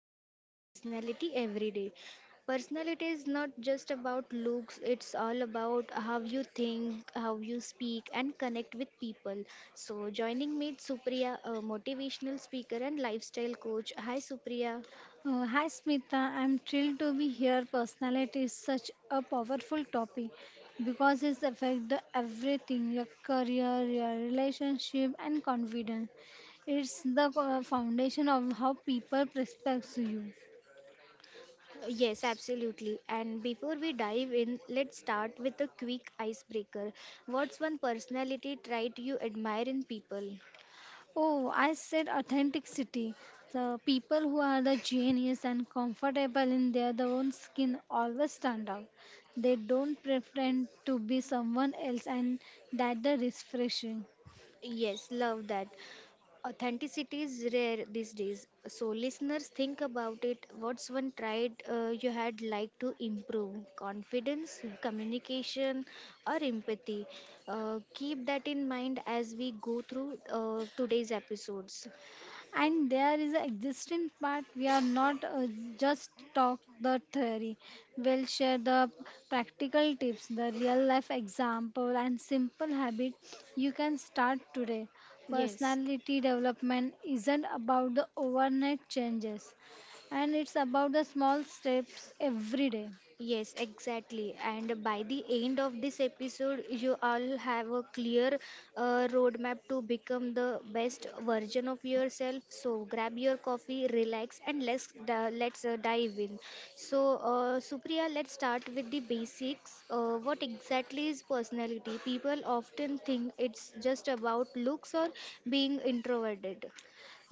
improve your personality every day. Personality is not just about looks, it's all about how you think, how you speak, and connect with people. So, joining me, is Supriya, a motivational speaker and lifestyle coach. Hi, Supriya. Hi Smita, I'm thrilled to be here. Personality is such a powerful topic because it affects everything your career, your relationship, and confidence. It's the foundation of how people respect you. Yes, absolutely. And before we dive in, let's start with a quick icebreaker. What's one personality trait you admire in people? Oh, I said authenticity. The people who are the genius and comfortable in their the own skin always stand out. They don't pretend to be someone else, and that the refreshing. Yes, love that. Authenticity is rare these days. So, listeners, think about it. What's one trait you had like to improve? Confidence, communication, or empathy? Keep that in mind as we go through today's episodes. And there is an existing part we are not just talk the theory, we'll share the practical tips, the real life example and simple habit you can start today. Yes. Personality development isn't about the overnight changes, and it's about the small steps every day. Yes, exactly. And by the end of this episode, you all have a clear roadmap to become the best version of yourself. So grab your coffee, relax, and let's dive in. So, Supriya, let's start with the basics. What exactly is personality? People often think it's just about looks or being introverted.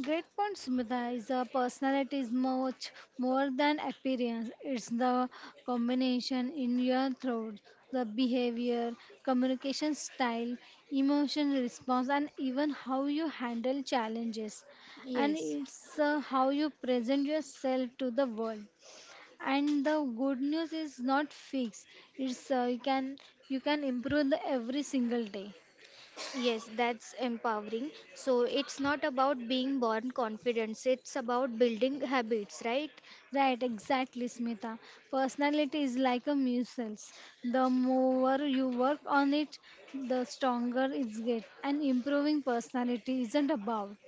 Great point, Smita, is a personality is much more than appearance. It's the combination in your throat, the behavior, communication style, emotion response, and even how you handle challenges. And Yes. it's how you present yourself to the world. And the good news is not fixed. It's you can You can improve the every single day. Yes, that's empowering. So it's not about being born confident, it's about building habits, right? Right, exactly, Smita. Personality is like a muscles. The more you work on it, the stronger it gets. And improving personality isn't about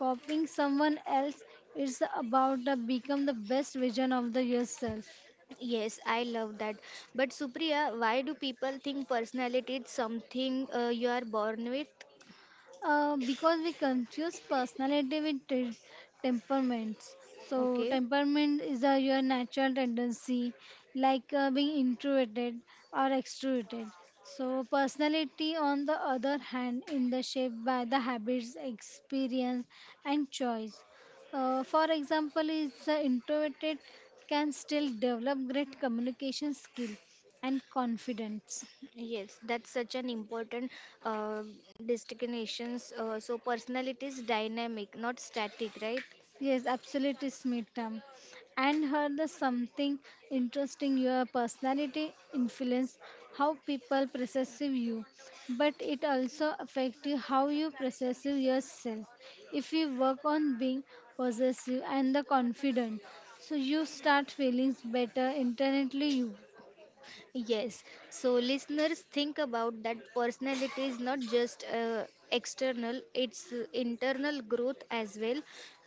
copying someone else. It's about the become the best version of the yourself. Yes, I love that. But Supriya, why do people think personality is something you are born with? Because we confuse personality with temperaments. So, Okay. temperament is your natural tendency, like being introverted or extroverted. So, personality, on the other hand, in the shaped by the habits, experience, and choice. For example, is the introverted can still develop great communication skill and confidence. Yes, that's such an important uh, distinctions. So personality is dynamic, not static, right? Yes, absolutely, Smita. And heard the something interesting. Your personality influence how people perceive you, but it also affects how you perceive yourself. If you work on being possessive and the confident, so you start feeling better internally you. Yes. So, listeners, think about that personality is not just external, it's internal growth as well.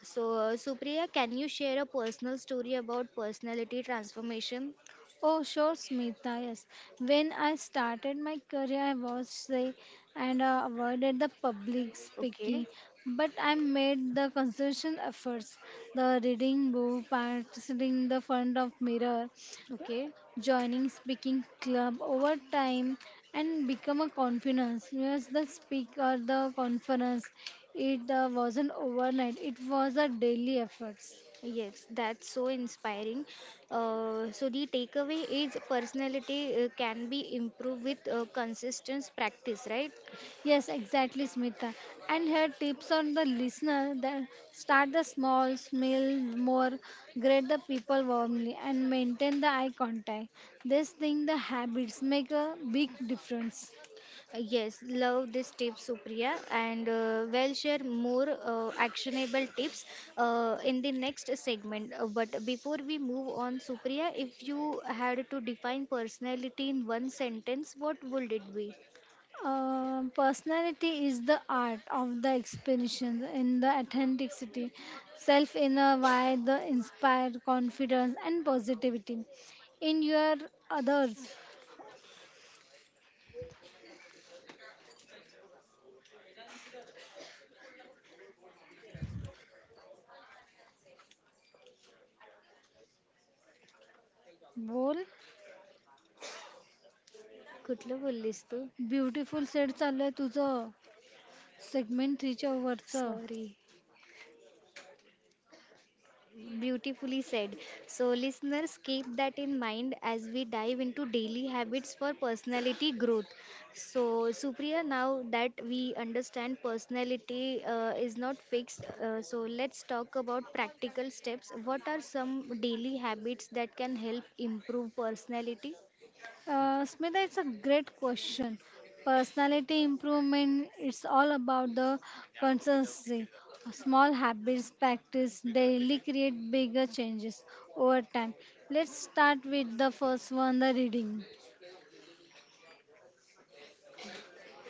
So, Supriya, can you share a personal story about personality transformation? Oh, sure, Smita. Yes. When I started my career, I was shy and avoided the public Okay. speaking. But I made the consistent efforts, the reading book, practicing the front of mirror, Okay. joining speaking club over time, and become a confidence. Yes, the speak or the conference. It wasn't overnight. It was a daily efforts. Yes, that's so inspiring. So, the takeaway is personality can be improved with consistent practice, right? Yes, exactly, Smita. And here tips on the listener that start the small, smell more, greet the people warmly, and maintain the eye contact. This thing, the habits, make a big difference. Yes, love this tip, Supriya, and we'll share more actionable tips in the next segment. But before we move on, Supriya, if you had to define personality in one sentence, what would it be? Personality is the art of the explanation in the authenticity, self inner why the inspired confidence and positivity in your others. बोल कुठलं बोललीस तू beautiful set चाललंय तुझं Segment reach वरचं. Sorry Beautifully said. So, listeners, keep that in mind as we dive into daily habits for personality growth. So, Supriya, now that we understand personality is not fixed, so let's talk about practical steps. What are some daily habits that can help improve personality? Smita, it's a great question. Personality improvement, it's all about the consistency. Small habits practice daily create bigger changes over time. Let's start with the first one, the reading.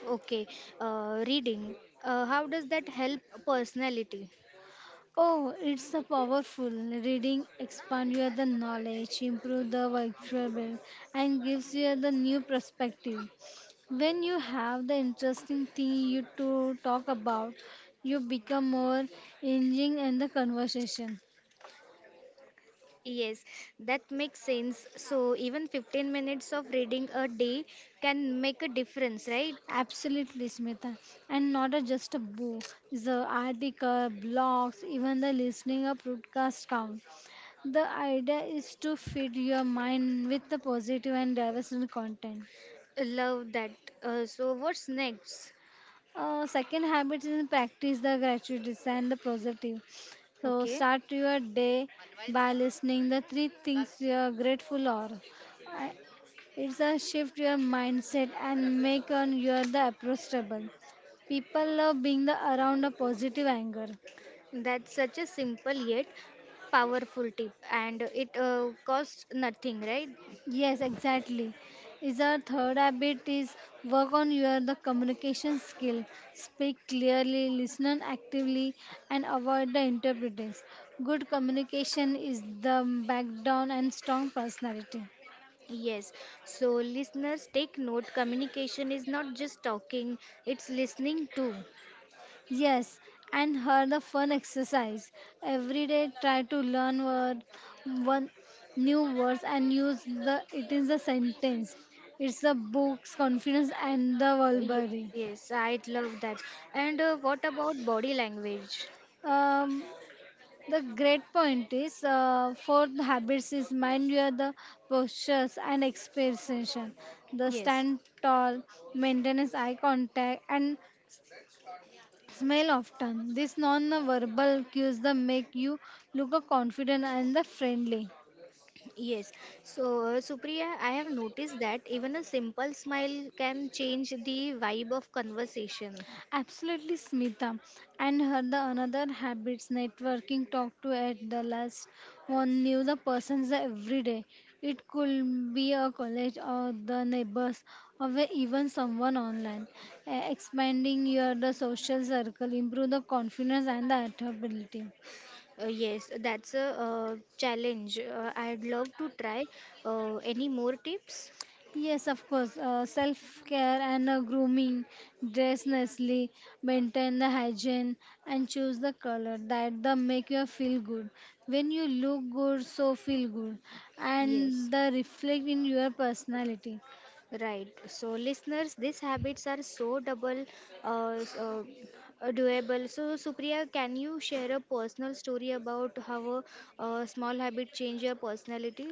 Okay, reading. How does that help personality? Oh, it's a powerful reading expand your the knowledge, improve the vocabulary, and gives you the new perspective. When you have the interesting thing you to talk about, you become more engaging in the conversation. Yes, that makes sense. So, even 15 minutes of reading a day can make a difference, right? Absolutely, Smita. And not a just a book, the article, blogs, even the listening a podcast count. The idea is to feed your mind with the positive and diverse content. Love that. So, what's next? Second habit is practice the gratitudes and the positive. So Okay, start your day by listening the three things you are grateful or. I- It's a shift your mindset and make on your the approachable. People love being the around a positive anger. that's such a simple yet powerful tip, and it costs nothing, right? Yes, exactly. Is our third habit is work on your the communication skill. Speak clearly, listen actively, and avoid the interpreters. Good communication is the backbone and strong personality. Yes, so listeners take note communication is not just talking, it's listening too. Yes, and her the fun exercise. Every day try to learn word, one new words and use the it is a sentence. It's the books, confidence, and the Yes, vocabulary. yes, I love that. And what about body language? Um, The great point is fourth habits is mind your the postures and expression. The Yes. stand tall, maintain eye contact and smile often. These non-verbal cues the make you look confident and the friendly. Yes. So, Supriya, I have noticed that even a simple smile can change the vibe of conversation. Absolutely, Smita. And her the another habits networking talk to at the last one knew the persons every day. It could be a college or the neighbors even someone online. Expanding your the social circle, improve the confidence and the adaptability. Yes, that's a challenge. I'd love to try. Any more tips? Yes, of course. Self care and grooming, dress nicely, maintain the hygiene, and choose the color that the make you feel good. When you look good, so feel good, and Yes. the reflect in your personality. Right. So, listeners, these habits are so uh, s- uh, doable. So, Supriya, can you share a personal story about how a, small habit changed your personality?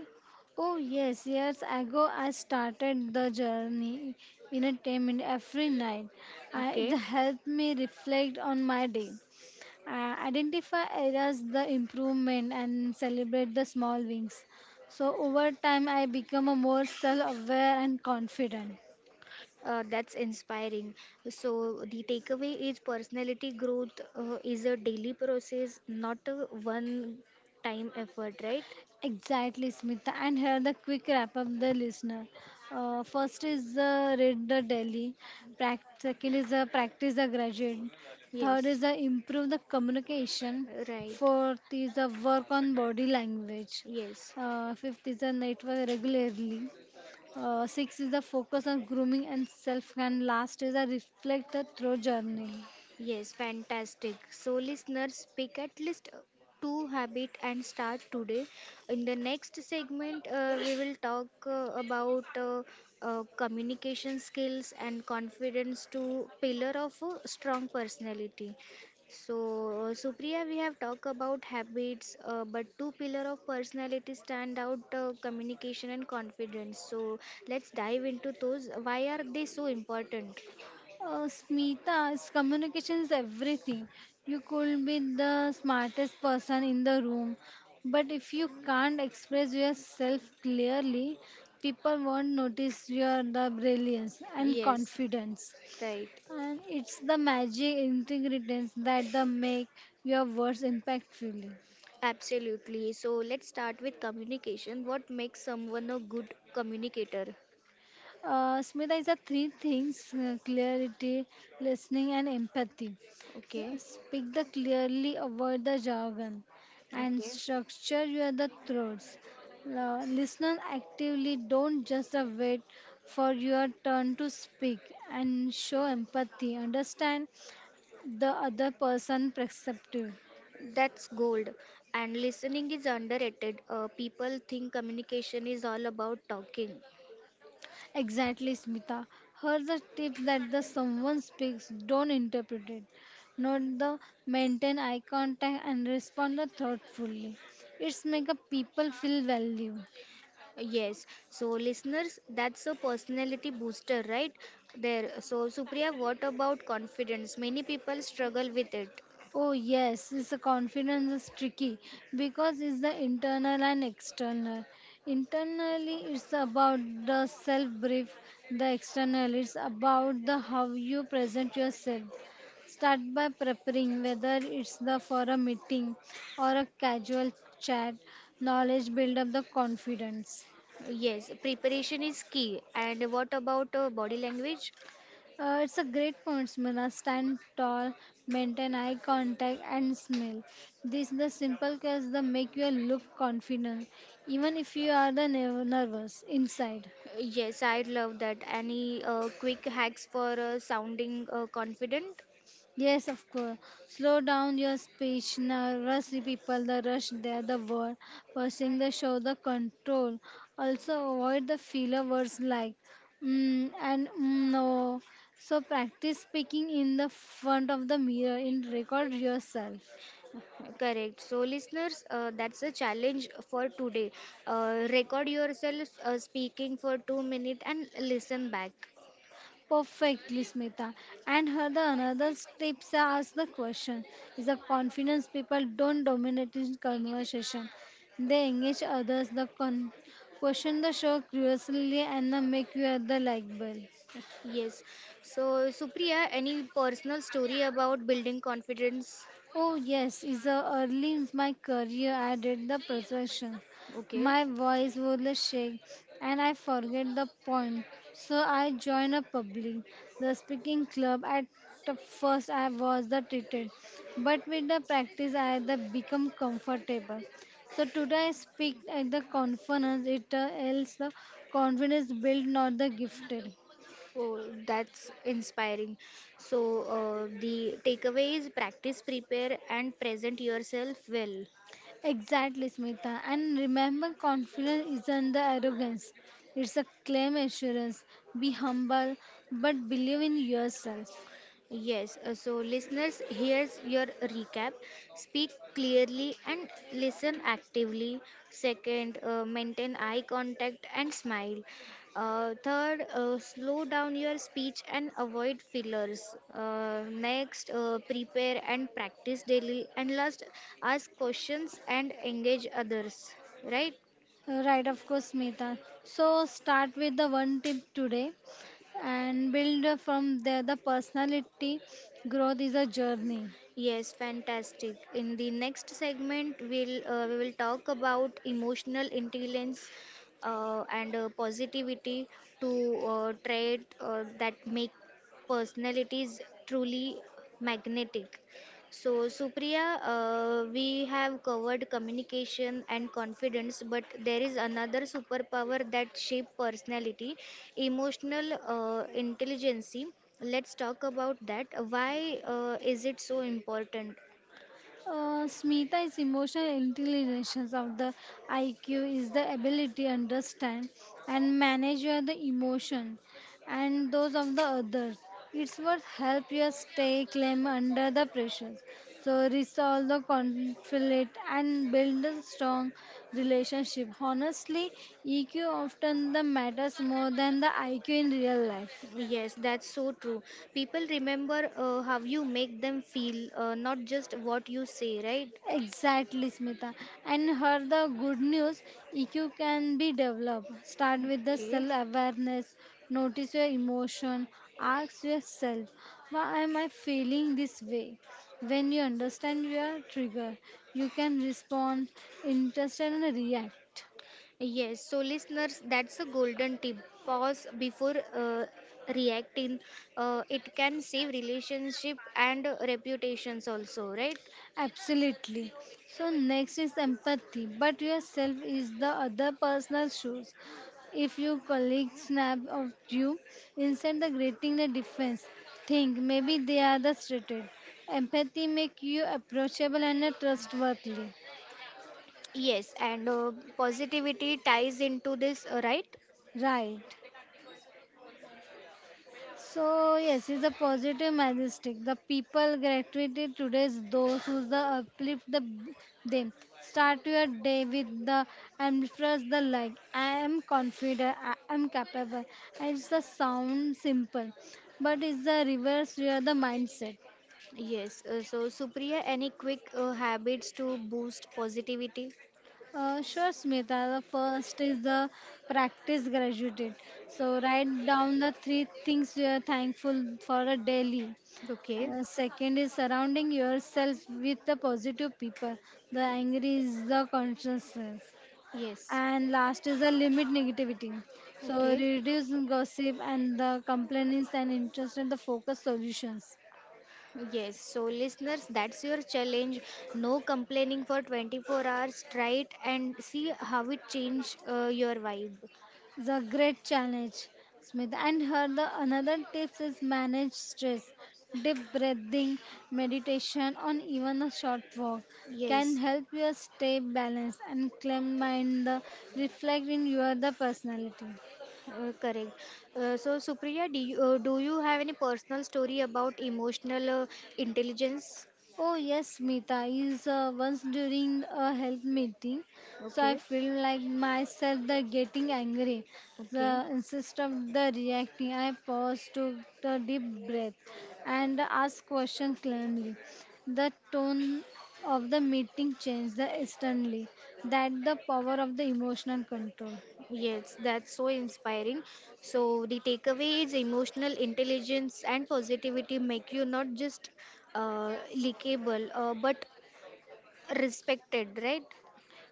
Oh yes, years ago I started the journey in a 10-minute every night. I, it Okay. helped me reflect on my day, identify areas the improvement and celebrate the small wins. So over time I become a more self-aware and confident. That's inspiring. So, the takeaway is personality growth is a daily process, not a one time effort, right? Exactly, Smita, and here the quick wrap up the listener. First is read the daily, second is practice the graduate, third Yes, is improve the communication, right. fourth is work on body language, Yes. Fifth is network regularly. Six is the focus on grooming and self, and last is a reflect the through journey. Yes, fantastic. So, listeners, pick at least two habit and start today. In the next segment, we will talk about communication skills and confidence to pillar of a strong personality. So, Supriya, we have talked about habits, but two pillar of personality stand out: communication and confidence. So, let's dive into those. Why are they so important? Smita, is communication is everything. You could be the smartest person in the room, but if you can't express yourself clearly, people won't notice your the brilliance and Yes, confidence. right. And it's the magic ingredients that the make your words impactfully. Absolutely. So let's start with communication. What makes someone a good communicator? Smita is a three things clarity, listening, and empathy. Okay, Speak the clearly, avoid the jargon, and okay, structure your the thoughts. Listen actively, don't just wait for your turn to speak, and show empathy. Understand the other person perspective. that's gold. And listening is underrated. People think communication is all about talking. Exactly, Smita. Here's the tip that the someone speaks, don't interpret it. Note the maintain eye contact and respond thoughtfully. It's make a people feel valued. Yes. So, listeners, that's a personality booster, right? There. So, Supriya, what about confidence? Many people struggle with it. Oh yes, it's the confidence is tricky because it's the internal and external. Internally, it's about the self brief. The external, it's about the how you present yourself. Start by preparing, whether it's the for a meeting or a casual chat. Knowledge build up the confidence. Yes. Preparation is key. And what about body language? It's a great point, Smila. Stand tall, maintain eye contact, and smile. These the simple cues that make you look confident, even if you are the nervous inside. Yes, I love that. Any quick hacks for sounding confident? Yes, of course. Slow down your speech. Nervous people, the rush there, the word, pushing the show, the control. Also, avoid the filler words like mm, and mm, no. So, practice speaking in the front of the mirror and record yourself. Correct. So, listeners, that's a challenge for today. Record yourself speaking for 2 minutes and listen back. Perfectly, Smita. And her the another tips are ask the question. Is the confidence people don't dominate in conversation. They engage others. Question the show curiously and the make you the likable. Yes. So, Supriya, any personal story about building confidence? Oh yes, is the early in my career I did the presentation. Okay. My voice would shake and I forget the point. So I joined a public the speaking club. At the first I was the treated, but with the practice I the become comfortable. So today I speak at the conference it else the confidence built not the gifted. Oh, that's inspiring. So, the takeaway is practice, prepare, and present yourself well. Exactly, Smita. And remember, confidence isn't the arrogance, it's a claim assurance. Be humble, but believe in yourself. Yes, so listeners, here's your recap. Speak clearly and listen actively. Second, maintain eye contact and smile. Third, slow down your speech and avoid fillers. Next, prepare and practice daily. And last, ask questions and engage others. Right? Right, of course, Smita. So, start with the one tip today and build from there. The personality growth is a journey. Yes, fantastic. In the next segment, we will talk about emotional intelligence and positivity to trait that make personalities truly magnetic. So, Supriya, we have covered communication and confidence, but there is another superpower that shape personality, emotional intelligence. Let's talk about that. Why is it so important? Smita is emotional intelligence of the IQ is the ability to understand and manage your the emotion and those of the others. It's what help you stay calm under the pressures. So resolve the conflict and build a strong relationship. Honestly, EQ often the matters more than the IQ in real life. Yes, that's so true. People remember how you make them feel, not just what you say, right? Exactly, Smita. And her the good news EQ can be developed. Start with the Okay. self awareness, notice your emotion, ask yourself, why am I feeling this way? When you understand your trigger, you can respond, interest, and react. Yes, so listeners, that's a golden tip. Pause before reacting. It can save relationship and reputations also, right? Absolutely. So next is empathy, but yourself is the other person's shoes. If your colleague snap of you instead of grating the defense, think maybe they are the threatened. Empathy make you approachable and trustworthy. Yes, and positivity ties into this, right? Right. So yes, it's a positive majestic. The people gratitude today's those who the uplift the them. Start your day with the and first the like. I am confident. I am capable. And it's the sound simple, but it's the reverse. You are the mindset. Yes. So, Supriya, any quick habits to boost positivity? Sure, Smita. The first is the practice gratitude. So write down the three things you are thankful for a daily. Okay. Second is surrounding yourself with the positive people. The angry is the consciousness. Yes. And last is the limit negativity. So Okay. reduce gossip and the complaints and interest in the focus solutions. Yes, so listeners, that's your challenge. No complaining for 24 hours. Try it and see how it change your vibe. The great challenge, Smith. And her the another tips is manage stress. Deep breathing, meditation, on even a short walk can Yes, help you stay balanced and calm mind. The reflect in your the personality. Correct. So, Supriya, do you have any personal story about emotional intelligence? Oh yes, Smita is once during a health meeting, so I Okay, feel like myself the getting angry. okay. The instead of the reacting, I pause, took a deep breath, and ask question calmly. The tone of the meeting changed the instantly. That the power of the emotional control. Yes, that's so inspiring. So, the takeaway is emotional intelligence and positivity make you not just likable, but respected, right?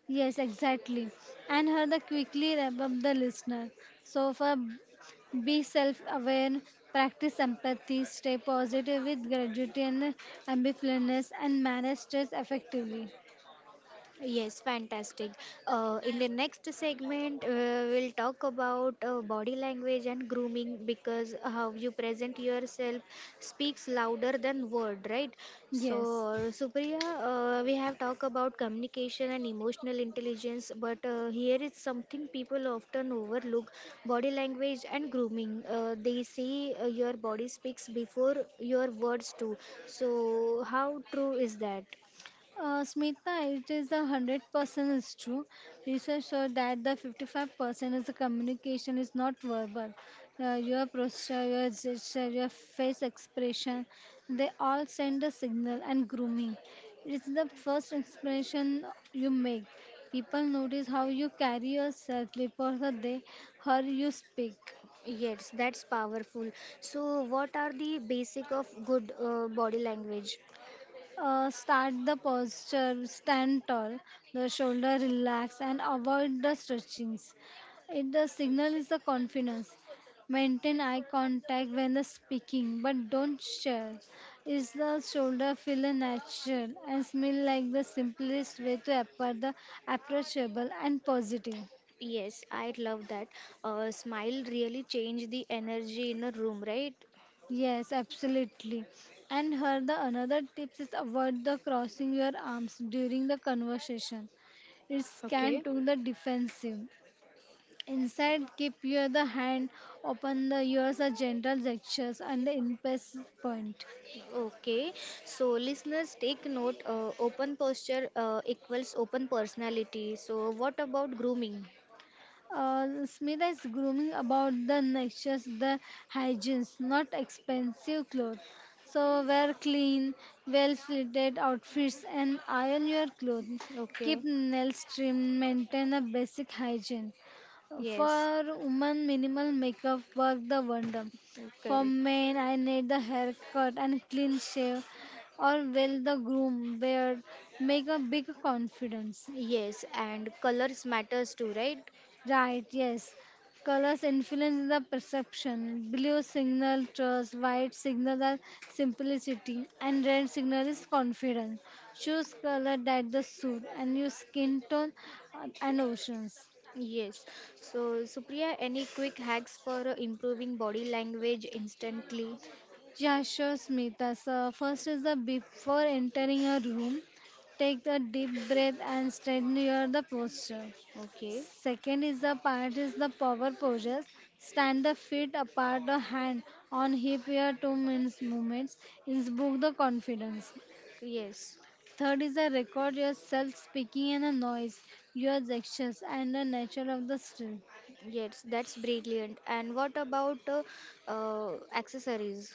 Yes, exactly. And Harda quickly wrap up the listener. So for be self-aware, practice empathy, stay positive with gratitude and ambitiousness, and manage stress effectively. Yes, fantastic. In the next segment, we'll talk about body language and grooming because how you present yourself speaks louder than word, right? So, Yes. Supriya, we have talked about communication and emotional intelligence, but here is something people often overlook: body language and grooming. They say your body speaks before your words too. So, how true is that? Smita, it is 100% is true. Research shows that the 55% is the communication is not verbal. Your posture, your gesture, your face expression, they all send a signal. And grooming, it's the first expression you make. People notice how you carry yourself before the day how you speak. Yes, that's powerful. So, what are the basic of good body language? Start the posture, stand tall, the shoulder relax, and avoid the stretchings. It, the signal is the confidence. Maintain eye contact when the speaking, but don't share. Is the shoulder feel natural and smell like the simplest way to appear the approachable and positive. Yes, I love that. Smile really change the energy in a room, right? Yes, absolutely. And her the another tips is avoid the crossing your arms during the conversation. It can Okay. to the defensive. Inside, keep your the hand open. The ears are gentle gestures and the impasse point. Okay. So, listeners, take note. Open posture equals open personality. So, what about grooming? Smita is grooming about the natures, the hygienes, not expensive clothes. So wear clean, well fitted outfits and iron your clothes. Okay. Keep nails trimmed, maintain a basic hygiene. Yes. For women, minimal makeup work the wonder. For Correct. men, I need the haircut and clean shave, or well the groom beard make a big confidence. Yes, and colors matters too, right? Right, yes. Colors influence the perception. Blue signal trust, white signal the simplicity, and red signal is confidence. Choose color that the suit and your skin tone and oceans. Yes. So, Supriya, any quick hacks for improving body language instantly? Yeah, sure, Smita. So first is the before entering a room, take a deep breath and straighten your the posture. Okay. Second is the part is the power poses. Stand the feet apart, the hand on hip here 2 minutes movements. Invoke the confidence. Yes. Third is the record yourself speaking and the noise, your gestures and the nature of the still. Yes, that's brilliant. And what about accessories?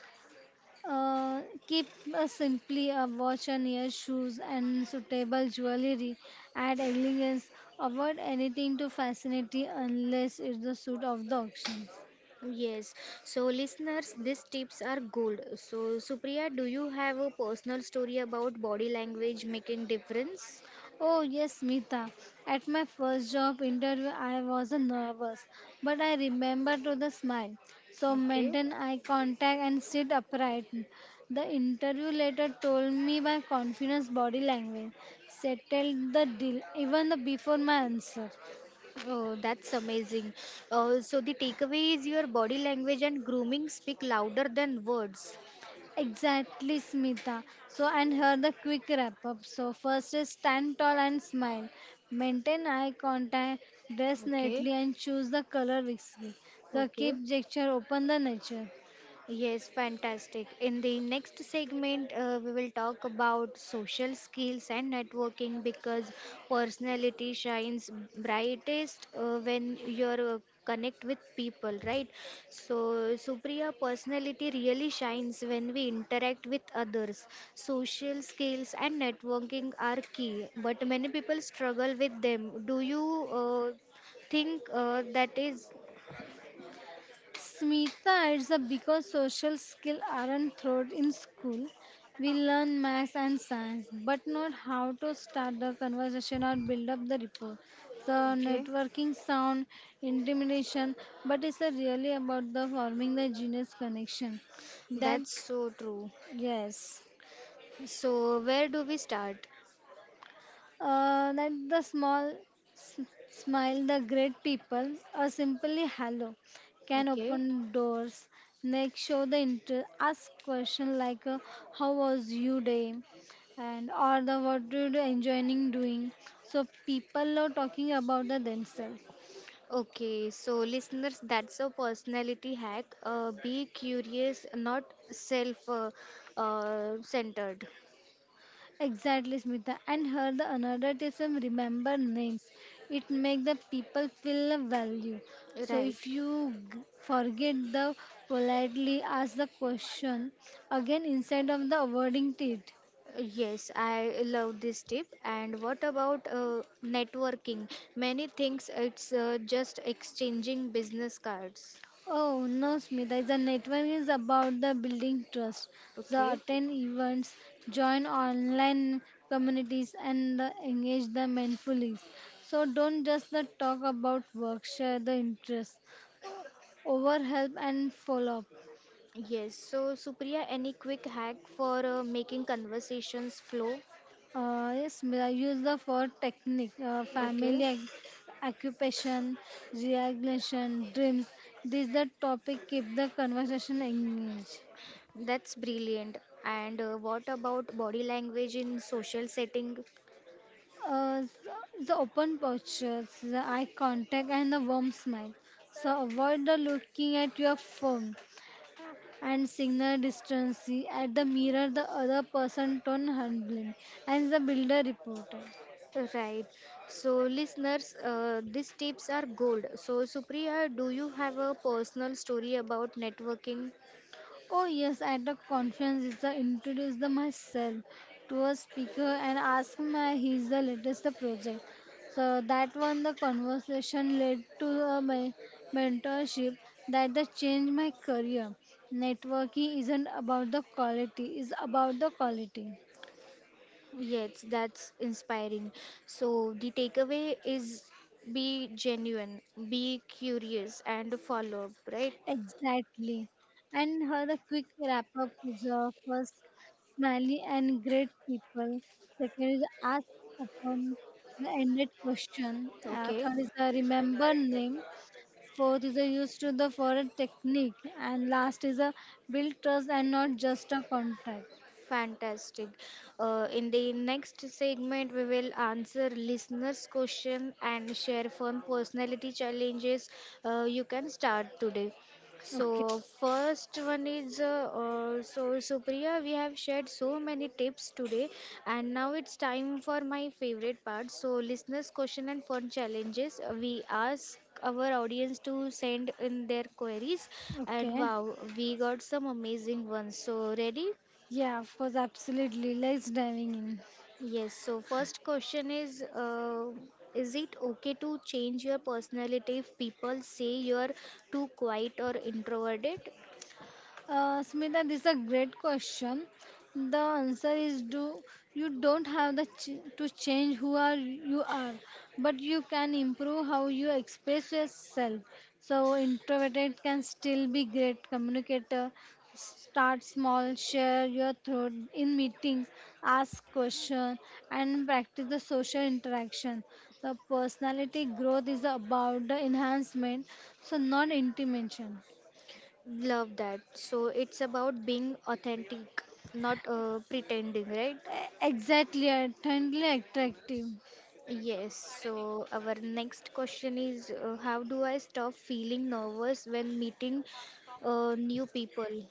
Uh, keep a simply a watch on your shoes and suitable jewelry. Add elegance. Avoid anything to fascinate unless it's the suit of the auctions. Yes. So, listeners, these tips are gold. So, Supriya, do you have a personal story about body language making difference? Oh, yes, Smita. At my first job interview, I was nervous, but I remember to the smile. So Okay. maintain eye contact and sit upright. The interview later told me by confidence body language, settled the deal even the before my answer. Oh, that's amazing. So the takeaway is your body language and grooming speak louder than words. Exactly, Smita. So, and here the quick wrap up. So, first is stand tall and smile. Maintain eye contact, dress Okay. neatly, and choose the color whiskey. The Okay. keep gesture, open the nature. Yes, fantastic. In the next segment, we will talk about social skills and networking because personality shines brightest when you're connect with people, right? So, Supriya, personality really shines when we interact with others. Social skills and networking are key, but many people struggle with them. Do you think that is? Smita, adds up because social skills aren't taught in school. We learn maths and science, but not how to start the conversation or build up the rapport. So Okay, networking sound intimidation, but it's a really about the forming the genius connection. That that's so true. yes. So, where do we start? That the small s- smile, the great people, or simply hello, can Okay. open doors. Next, show the interest. Ask question like, "How was your day?" and or the what did you enjoying doing. So people are talking about the themselves. Okay, so listeners, that's a personality hack. Be curious, not self centered. Exactly, Smita. And her the another tism remember names. It make the people feel a value. So Right. if you forget the politely ask the question again instead of the avoiding it. Yes, I love this tip. And what about networking? Many thinks it's just exchanging business cards. Oh no, Smita. The network is about the building trust. The Okay. attend events, join online communities, and the engage the mindfully. So don't just the talk about work. Share the interest. Over help and follow up. Yes, so Supriya, any quick hack for making conversations flow? Yes, Mira, use the for technique, Okay. family, occupation, regulation, dreams. These the topic keep the conversation engaged. That's brilliant. And what about body language in social setting? The open postures, the eye contact, and the warm smile. So avoid the looking at your phone and signal distance at the mirror the other person tone handling and the builder reported. Right. So, listeners, these tips are gold. So, Supriya, do you have a personal story about networking? Oh yes, at the conference, it's I introduce the myself to a speaker and ask my his the latest the project. So that one the conversation led to a mentorship that the changed my career. Networking isn't about the quality, it's about the quality. Yes, that's inspiring. So, the takeaway is be genuine, be curious, and follow up, right? Exactly. And her the quick wrap up is first smiley and great people. Second is ask upon the ended question. Okay. Third is a remember name. Fourth is a use to the foreign technique. And last is a build trust and not just a contract. Fantastic. In the next segment, we will answer listeners' question and share fun personality challenges you can start today. Okay. So first one is so Supriya, we have shared so many tips today, and now it's time for my favorite part. So listeners' question and fun challenges. We ask our audience to send in their queries, and Okay. wow, we got some amazing ones. So ready? Yeah, of course, absolutely. Let's diving in. Yes, so first question is is it okay to change your personality if people say you're too quiet or introverted? Smita, this is a great question. The answer is do you don't have the to change who are you are, but you can improve how you express yourself. So introverted can still be great communicator. Start small, share your thought in meetings, ask question, and practice the social interaction. The personality growth is about the enhancement, so not intimidation. Love that. So it's about being authentic, not pretending, right? Exactly, attently attractive. Yes, so our next question is how do I stop feeling nervous when meeting new people?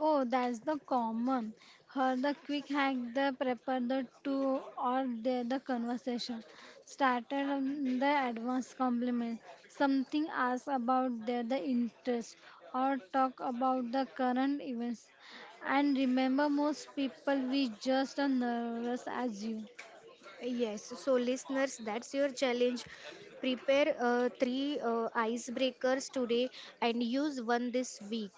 Oh, that's the common. Her the quick hack, the prepare the two or the conversation. Started on the advanced compliment. Something asked about their the interest or talk about the current events. And remember most people we just are nervous as you. Yes, so listeners, that's your challenge. Prepare three icebreakers today and use one this week.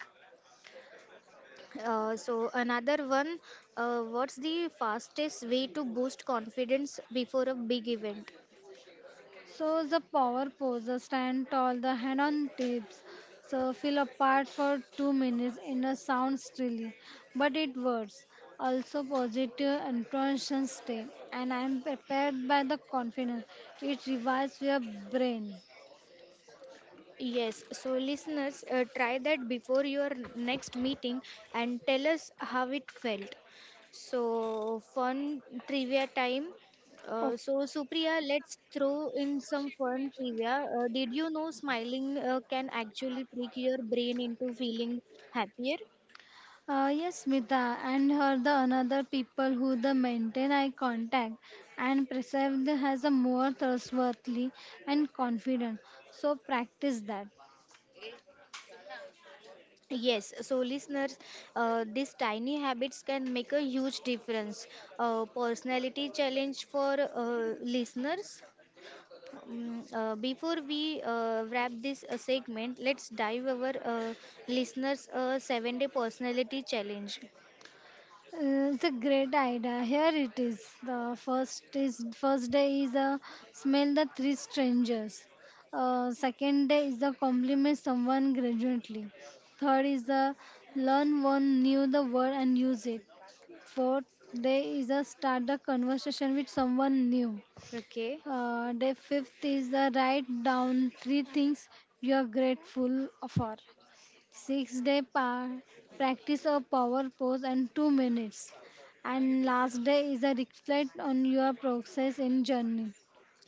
So, another one what's the fastest way to boost confidence before a big event? So the power poses stand tall, the hand on tips. So feel apart for 2 minutes in a sound stilly, but it works. Also positive intention stay, and I am prepared by the confidence. It revives your brain. Yes, so listeners, try that before your next meeting and tell us how it felt. So, fun trivia time. So, Okay. Supriya, let's throw in some fun trivia. Did you know smiling can actually trick your brain into feeling happier? Yes, Smita, and her the another people who the maintain eye contact and preserve the has a more trustworthy and confident. So practice that. Yes, so listeners, these tiny habits can make a huge difference. Personality challenge for listeners. Before we wrap this segment, let's dive our listeners' 7-day personality challenge. Uh, It's a great idea. Here it is. The first is first day is a smell the three strangers. Second day is the compliment someone gradually. Third is the learn one new the word and use it. Fourth day is the start the conversation with someone new. Okay. Day fifth is the write down three things you are grateful for. Six day practice a power pose and 2 minutes. And last day is a reflect on your process in journey.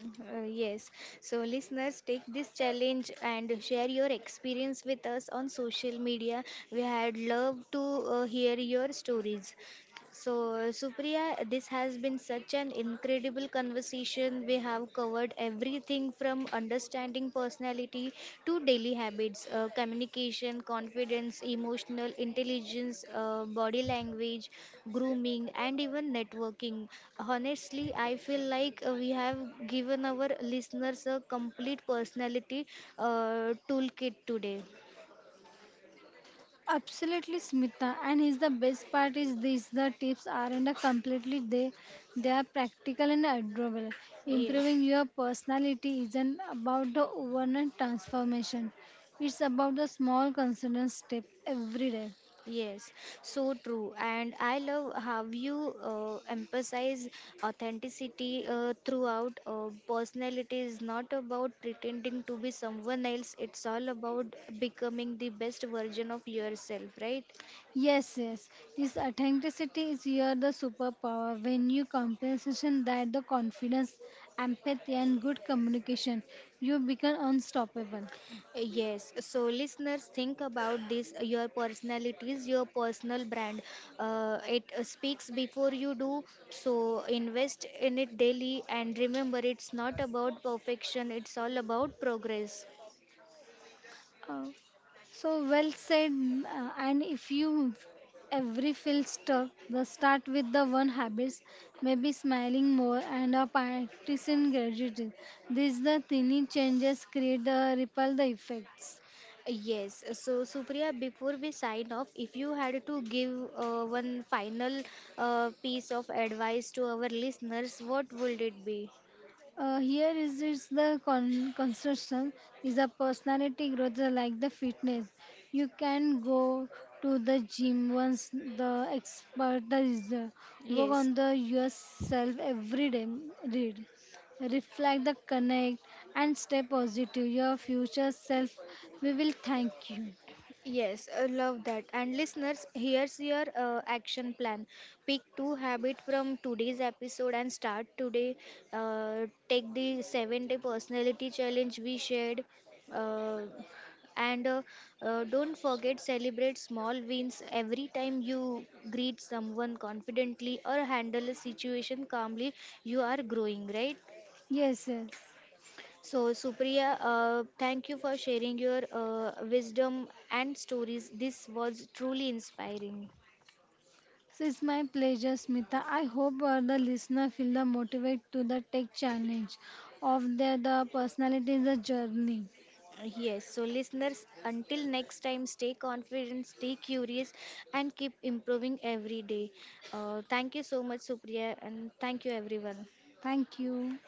Yes. So, listeners, take this challenge and share your experience with us on social media. We had love to hear your stories. So, Supriya, this has been such an incredible conversation. We have covered everything from understanding personality to daily habits, communication, confidence, emotional intelligence, body language, grooming, and even networking. Honestly, I feel like we have given our listeners a complete personality toolkit today. Absolutely, Smita. And is the best part is this: the tips aren't a completely they are practical and adorable. Yes. Improving your personality isn't about the overnight transformation. It's about the small consistent step every day. Yes, so true. And I love how you emphasize authenticity throughout. Personality is not about pretending to be someone else, it's all about becoming the best version of yourself, right? Yes, yes. Yes, authenticity is here the superpower. When you compensation that the confidence, empathy and good communication, you become unstoppable. Yes, so listeners, think about this. Your personality is your personal brand. It speaks before you do, so invest in it daily and remember it's not about perfection, it's all about progress. Uh, so well said. And if you every feel stuck, the start with the one habits, maybe smiling more and a practicing gratitude. These the tiny changes create the ripple the effects. Yes, so Supriya, before we sign off, if you had to give one final piece of advice to our listeners, what would it be? Here is the construction is a personality growth like the fitness. You can go to the gym once the expertise work Yes. on the yourself every day. Read, reflect, the connect, and stay positive. Your future self we will thank you. Yes, I love that. And listeners, here's your action plan. Pick two habits from today's episode and start today. Take the 7-day personality challenge we shared. Uh, and don't forget celebrate small wins every time you greet someone confidently or handle a situation calmly you are growing right Yes, yes. so, Supriya, thank you for sharing your wisdom and stories. This was truly inspiring. So it's my pleasure, Smita. I hope the listener feel the motivate to the tech challenge of their the personality is journey. Yes, so listeners, until next time, stay confident, stay curious, and keep improving every day. Thank you so much, Supriya, and thank you, everyone. Thank you.